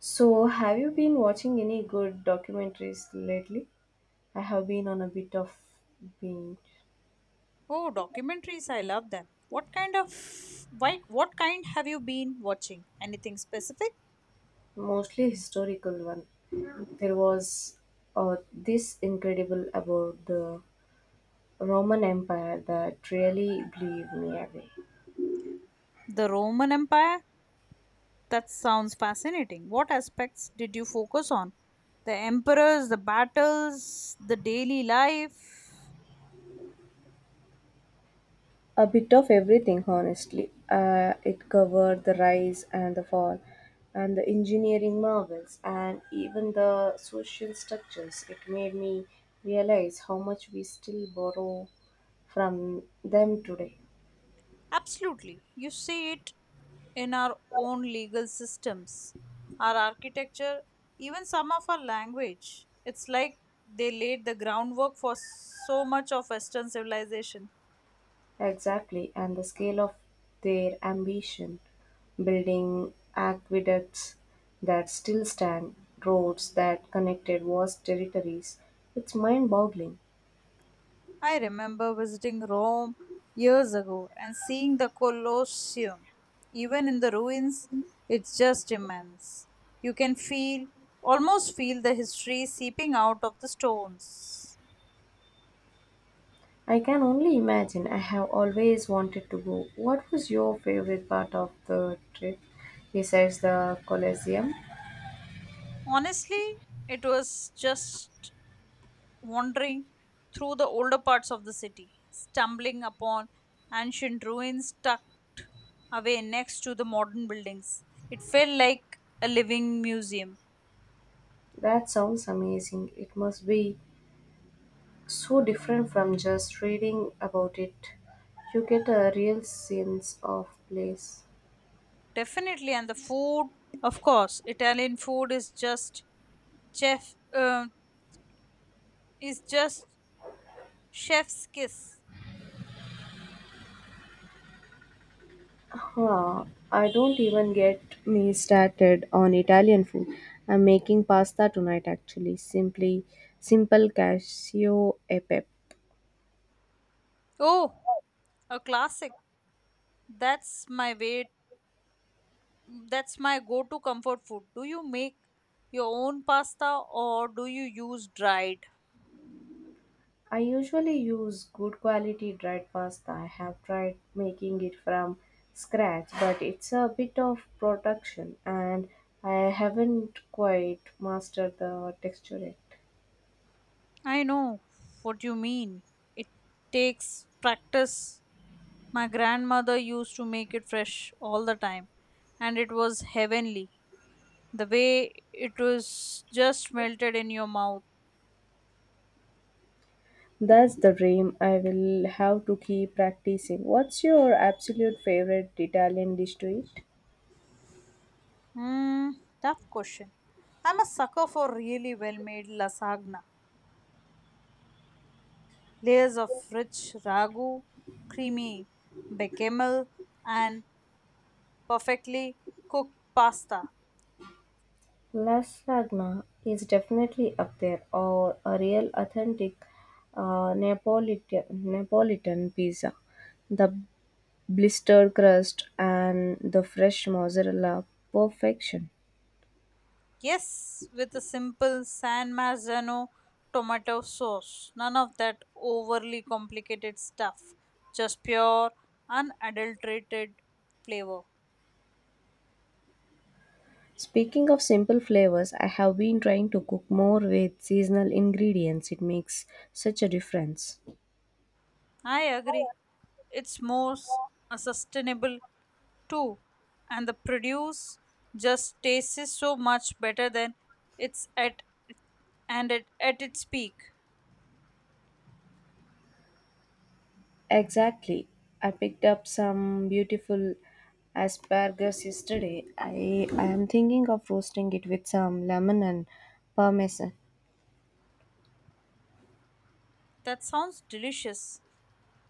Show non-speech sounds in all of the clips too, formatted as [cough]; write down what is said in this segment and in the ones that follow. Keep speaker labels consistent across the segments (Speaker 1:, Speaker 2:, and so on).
Speaker 1: So, have you been watching any good documentaries lately? I have been on a bit of being
Speaker 2: Oh, documentaries, I love them. What kind have you been watching? Anything specific?
Speaker 1: mostly historical one. There was this incredible about the Roman Empire that really blew me away.
Speaker 2: The Roman Empire? That sounds fascinating. What aspects did you focus on? The emperors, the battles, the daily life?
Speaker 1: A bit of everything, honestly. It covered the rise and the fall, and the engineering marvels, and even the social structures. It made me realize how much we still borrow from them today.
Speaker 2: Absolutely. You see it in our own legal systems, our architecture, even some of our language. It's like they laid the groundwork for so much of Western civilization.
Speaker 1: Exactly, and the scale of their ambition, building aqueducts that still stand, roads that connected vast territories. It's mind boggling.
Speaker 2: I remember visiting Rome years ago and seeing the Colosseum. Even in the ruins, it's just immense. You can feel, almost feel the history seeping out of the stones.
Speaker 1: I can only imagine. I have always wanted to go. What was your favorite part of the trip besides the Colosseum?
Speaker 2: Honestly, it was just wandering through the older parts of the city, stumbling upon ancient ruins tucked away next to the modern buildings. It felt like a living museum.
Speaker 1: That sounds amazing. It must be so different from just reading about it. You get a real sense of place.
Speaker 2: Definitely, and the food, of course, Italian food is just chef is just chef's kiss.
Speaker 1: Huh, I don't even get me started on Italian food. I'm making pasta tonight actually. Simply simple cashew e pepe.
Speaker 2: Oh, a classic. That's my way. That's my go-to comfort food. Do you make your own pasta or do you use dried?
Speaker 1: I usually use good quality dried pasta. I have tried making it from scratch, but it's a bit of production and I haven't quite mastered the texture yet.
Speaker 2: I know what you mean. It takes practice. My grandmother used to make it fresh all the time, and it was heavenly. The way it was just melted in your mouth?
Speaker 1: That's the dream. I will have to keep practicing. What's your absolute favorite Italian dish to eat?
Speaker 2: Hmm, Tough question. I'm a sucker for really well made lasagna. Layers of rich ragu, creamy bechamel, and perfectly cooked pasta.
Speaker 1: Lasagna is definitely up there, or a real authentic Napolitan pizza. The blister crust and the fresh mozzarella perfection.
Speaker 2: Yes, with a simple San Marzano tomato sauce. None of that overly complicated stuff. Just pure, unadulterated flavor.
Speaker 1: Speaking of simple flavors, I have been trying to cook more with seasonal ingredients. It makes such a difference.
Speaker 2: I agree. It's more sustainable too, and the produce just tastes so much better than it's at and at, at its peak.
Speaker 1: Exactly. I picked up some beautiful asparagus yesterday. I am thinking of roasting it with some lemon and parmesan.
Speaker 2: That sounds delicious.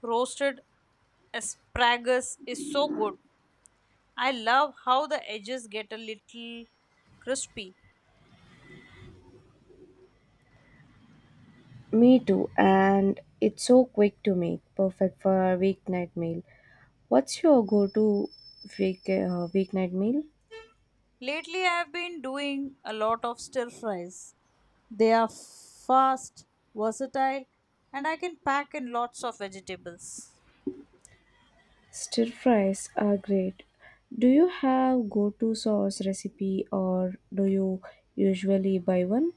Speaker 2: Roasted asparagus is so good. I love how the edges get a little crispy.
Speaker 1: Me too, and it's so quick to make, perfect for a weeknight meal. What's your go-to weeknight meal?
Speaker 2: Lately, I have been doing a lot of stir fries. They are fast, versatile, and I can pack in lots of vegetables.
Speaker 1: Stir fries are great. Do you have go-to sauce recipe or do you usually buy one?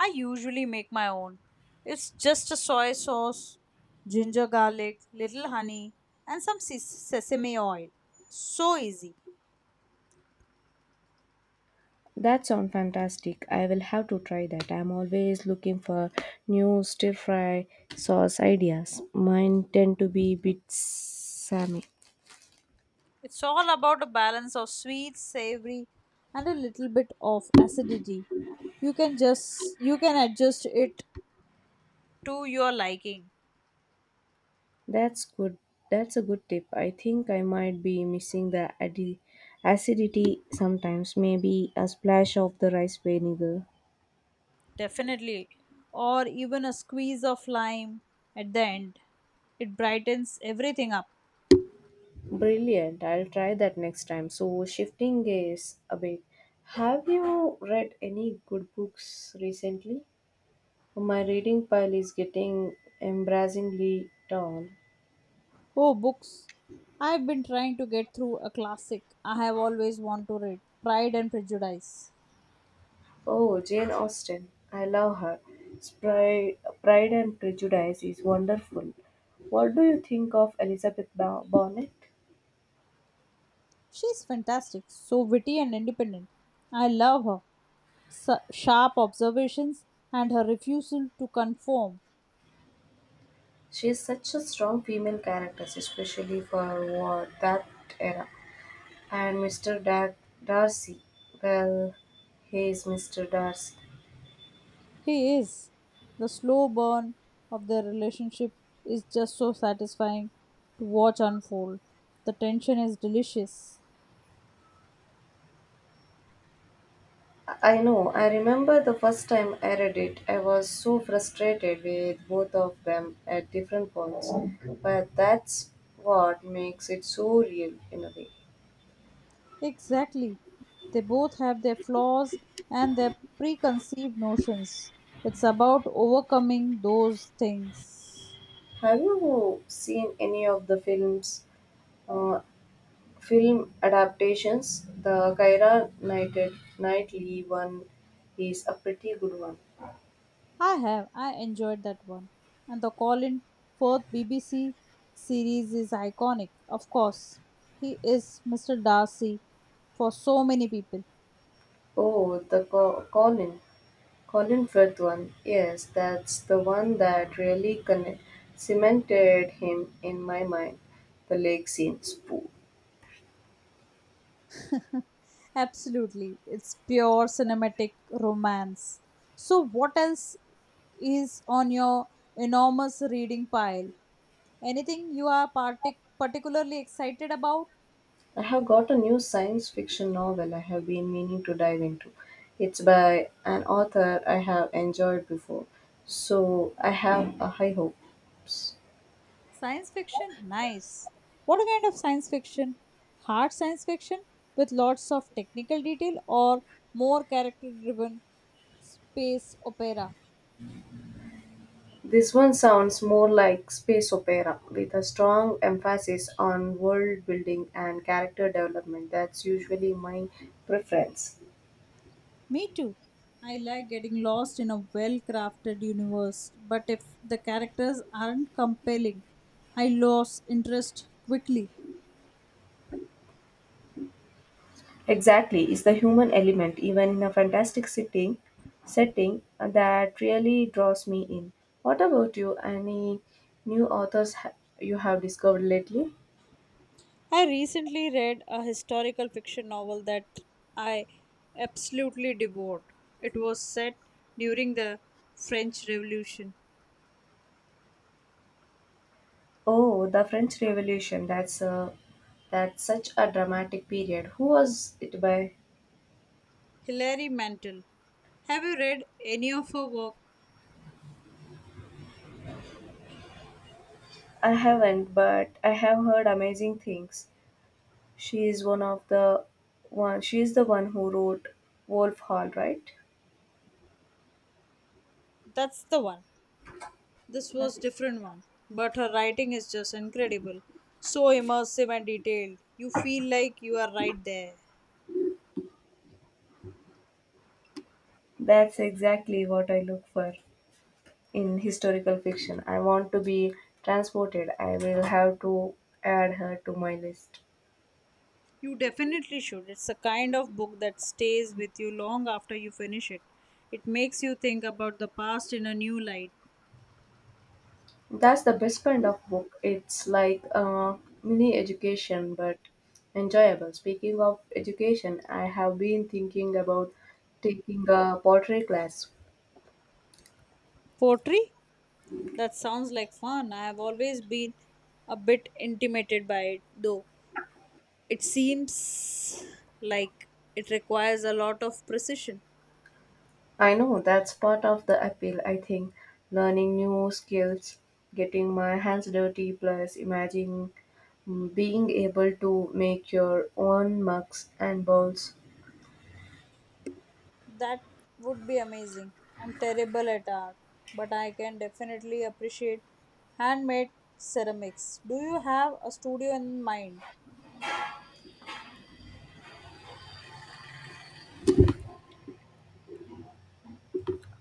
Speaker 2: I usually make my own. It's just a soy sauce, ginger garlic, little honey, and some sesame oil. So easy.
Speaker 1: That sounds fantastic. I will have to try that. I'm always looking for new stir fry sauce ideas. Mine tend to be a bit samey.
Speaker 2: It's all about a balance of sweet, savory, and a little bit of acidity. You can adjust it to your liking,
Speaker 1: That's good. That's a good tip. I think I might be missing the acidity sometimes, maybe a splash of the rice vinegar.
Speaker 2: definitely, or even a squeeze of lime at the end. It brightens everything up.
Speaker 1: Brilliant. I'll try that next time. So, shifting gears a bit, have you read any good books recently? My reading pile is getting embarrassingly tall.
Speaker 2: Oh, books. I've been trying to get through a classic I have always wanted to read, Pride and Prejudice.
Speaker 1: Oh, Jane Austen. I love her. Pride and Prejudice is wonderful. What do you think of Bennet?
Speaker 2: She's fantastic, so witty and independent. I love her sharp observations and her refusal to conform.
Speaker 1: She is such a strong female character, especially for war, that era. And Darcy. Well, he is Mr. Darcy.
Speaker 2: He is. The slow burn of their relationship is just so satisfying to watch unfold. The tension is delicious.
Speaker 1: I know. I remember the first time I read it, I was so frustrated with both of them at different points. But that's what makes it so real in a way.
Speaker 2: Exactly. They both have their flaws and their preconceived notions. It's about overcoming those things.
Speaker 1: Have you seen any of the uh, film adaptations? The Knightley one is a pretty good one.
Speaker 2: I have. I enjoyed that one. And the Colin Firth BBC series is iconic, of course. He is Mr. Darcy for so many people.
Speaker 1: Oh, the Co- Colin. Colin Firth one, yes, that's the one that really cemented him in my mind. The lake scene spoof.
Speaker 2: [laughs] Absolutely. It's pure cinematic romance. So, what else is on your enormous reading pile? Anything you are particularly excited about?
Speaker 1: I have got a new science fiction novel I have been meaning to dive into. It's by an author I have enjoyed before, so I have a high hopes.
Speaker 2: Science fiction? Nice. What kind of science fiction? Hard science fiction with lots of technical detail or more character driven space opera?
Speaker 1: This one sounds more like space opera with a strong emphasis on world building and character development. That's usually my preference.
Speaker 2: Me too. I like getting lost in a well crafted universe, but if the characters aren't compelling, I lose interest quickly.
Speaker 1: Exactly, it's the human element, even in a setting, that really draws me in. What about you? Any new you have discovered lately?
Speaker 2: I recently read a historical fiction novel that I absolutely devoured. It was set during the French Revolution.
Speaker 1: Oh, the French Revolution. That's such a dramatic period. Who was it by?
Speaker 2: Hilary Mantel. Have you read any of her work?
Speaker 1: I haven't, but I have heard amazing things. She is one of the one. She is the one who wrote Wolf Hall, right?
Speaker 2: That's the one. This was different one, but her writing is just incredible. So immersive and detailed. You feel like you are right there.
Speaker 1: That's exactly what I look for in historical fiction. I want to be transported. I will have to add her to my list.
Speaker 2: You definitely should. It's a kind of book that stays with you long after you finish it. It makes you think about the past in a new light.
Speaker 1: That's the best kind of book. It's like a mini education but enjoyable. Speaking of education, I have been thinking about taking a pottery class.
Speaker 2: Poetry? That sounds like fun. I have always been a bit intimidated by it, though. It seems like it requires a lot of precision.
Speaker 1: I know that's part of the appeal, I think. Learning new skills, getting my hands dirty, plus imagining being able to make your own mugs and bowls.
Speaker 2: That would be amazing. I'm terrible at art, but I can definitely appreciate handmade ceramics. Do you have a studio in mind?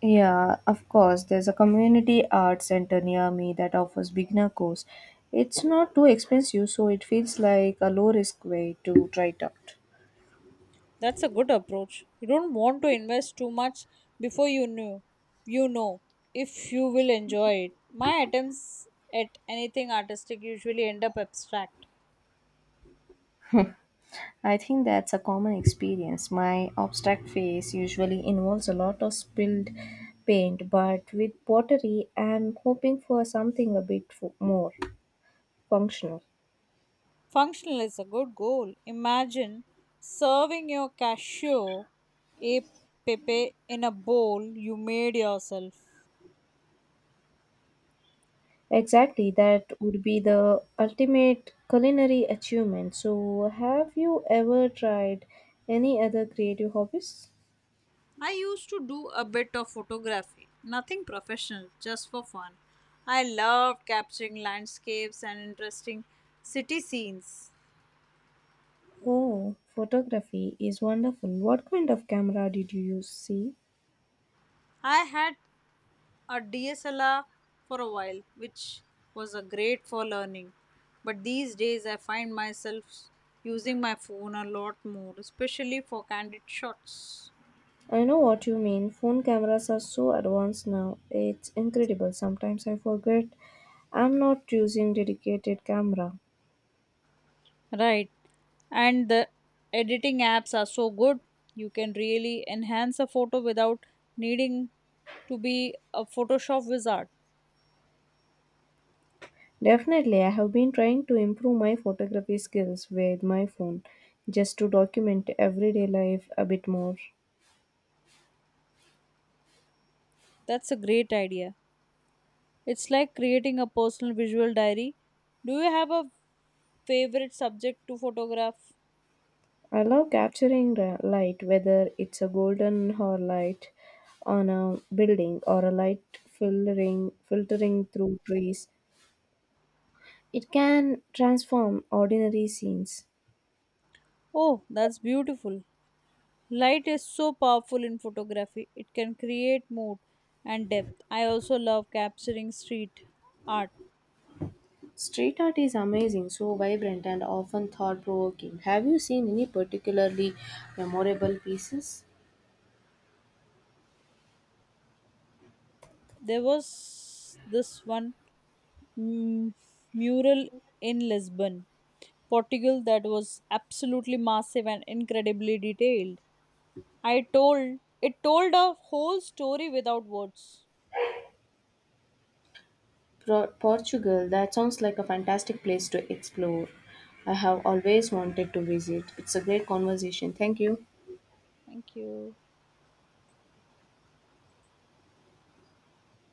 Speaker 1: Yeah, of course. There's a community art center near me that offers beginner course. It's not too expensive, so it feels like a low risk way to try it out.
Speaker 2: That's a good approach. You don't want to invest too much before you know if you will enjoy it. My attempts at anything artistic usually end up abstract.
Speaker 1: I think that's a common experience. My abstract phase usually involves a lot of spilled paint, but with pottery, I'm hoping for something a more functional.
Speaker 2: Functional is a good goal. Imagine serving your cashew a pepe in a bowl you made yourself.
Speaker 1: Exactly, that would be the ultimate culinary achievement. So, have you ever tried any other creative hobbies?
Speaker 2: I used to do a bit of photography, nothing professional, just for fun. I loved capturing landscapes and interesting city scenes.
Speaker 1: Oh, photography is wonderful. What kind of camera did you use? See,
Speaker 2: I had a DSLR for a while, which was a great for learning. But these days I find myself using my phone a lot more, especially for candid shots.
Speaker 1: I know what you mean. Phone cameras are so advanced now. It's incredible. Sometimes I forget I'm not using dedicated camera.
Speaker 2: Right. And the editing apps are so good. You can really enhance a photo without needing to be a Photoshop wizard.
Speaker 1: Definitely, I have been trying to improve my photography skills with my phone just to document everyday life a bit more.
Speaker 2: That's a great idea. It's like creating a personal visual diary. Do you have a favorite subject to photograph?
Speaker 1: I love capturing the light, whether it's a golden or light on a building or a light filtering through trees. It can transform ordinary scenes.
Speaker 2: Oh, that's beautiful. Light is so powerful in photography. It can create mood and depth. I also love capturing street art.
Speaker 1: Street art is amazing, so vibrant and often thought provoking. Have you seen any particularly memorable pieces?
Speaker 2: There was this one mm, mural in Lisbon, Portugal that was absolutely massive and incredibly detailed. I told it told a whole story without words.
Speaker 1: Portugal, that sounds like a fantastic place to explore. I have always wanted to visit. It's a great conversation. Thank you.
Speaker 2: Thank you.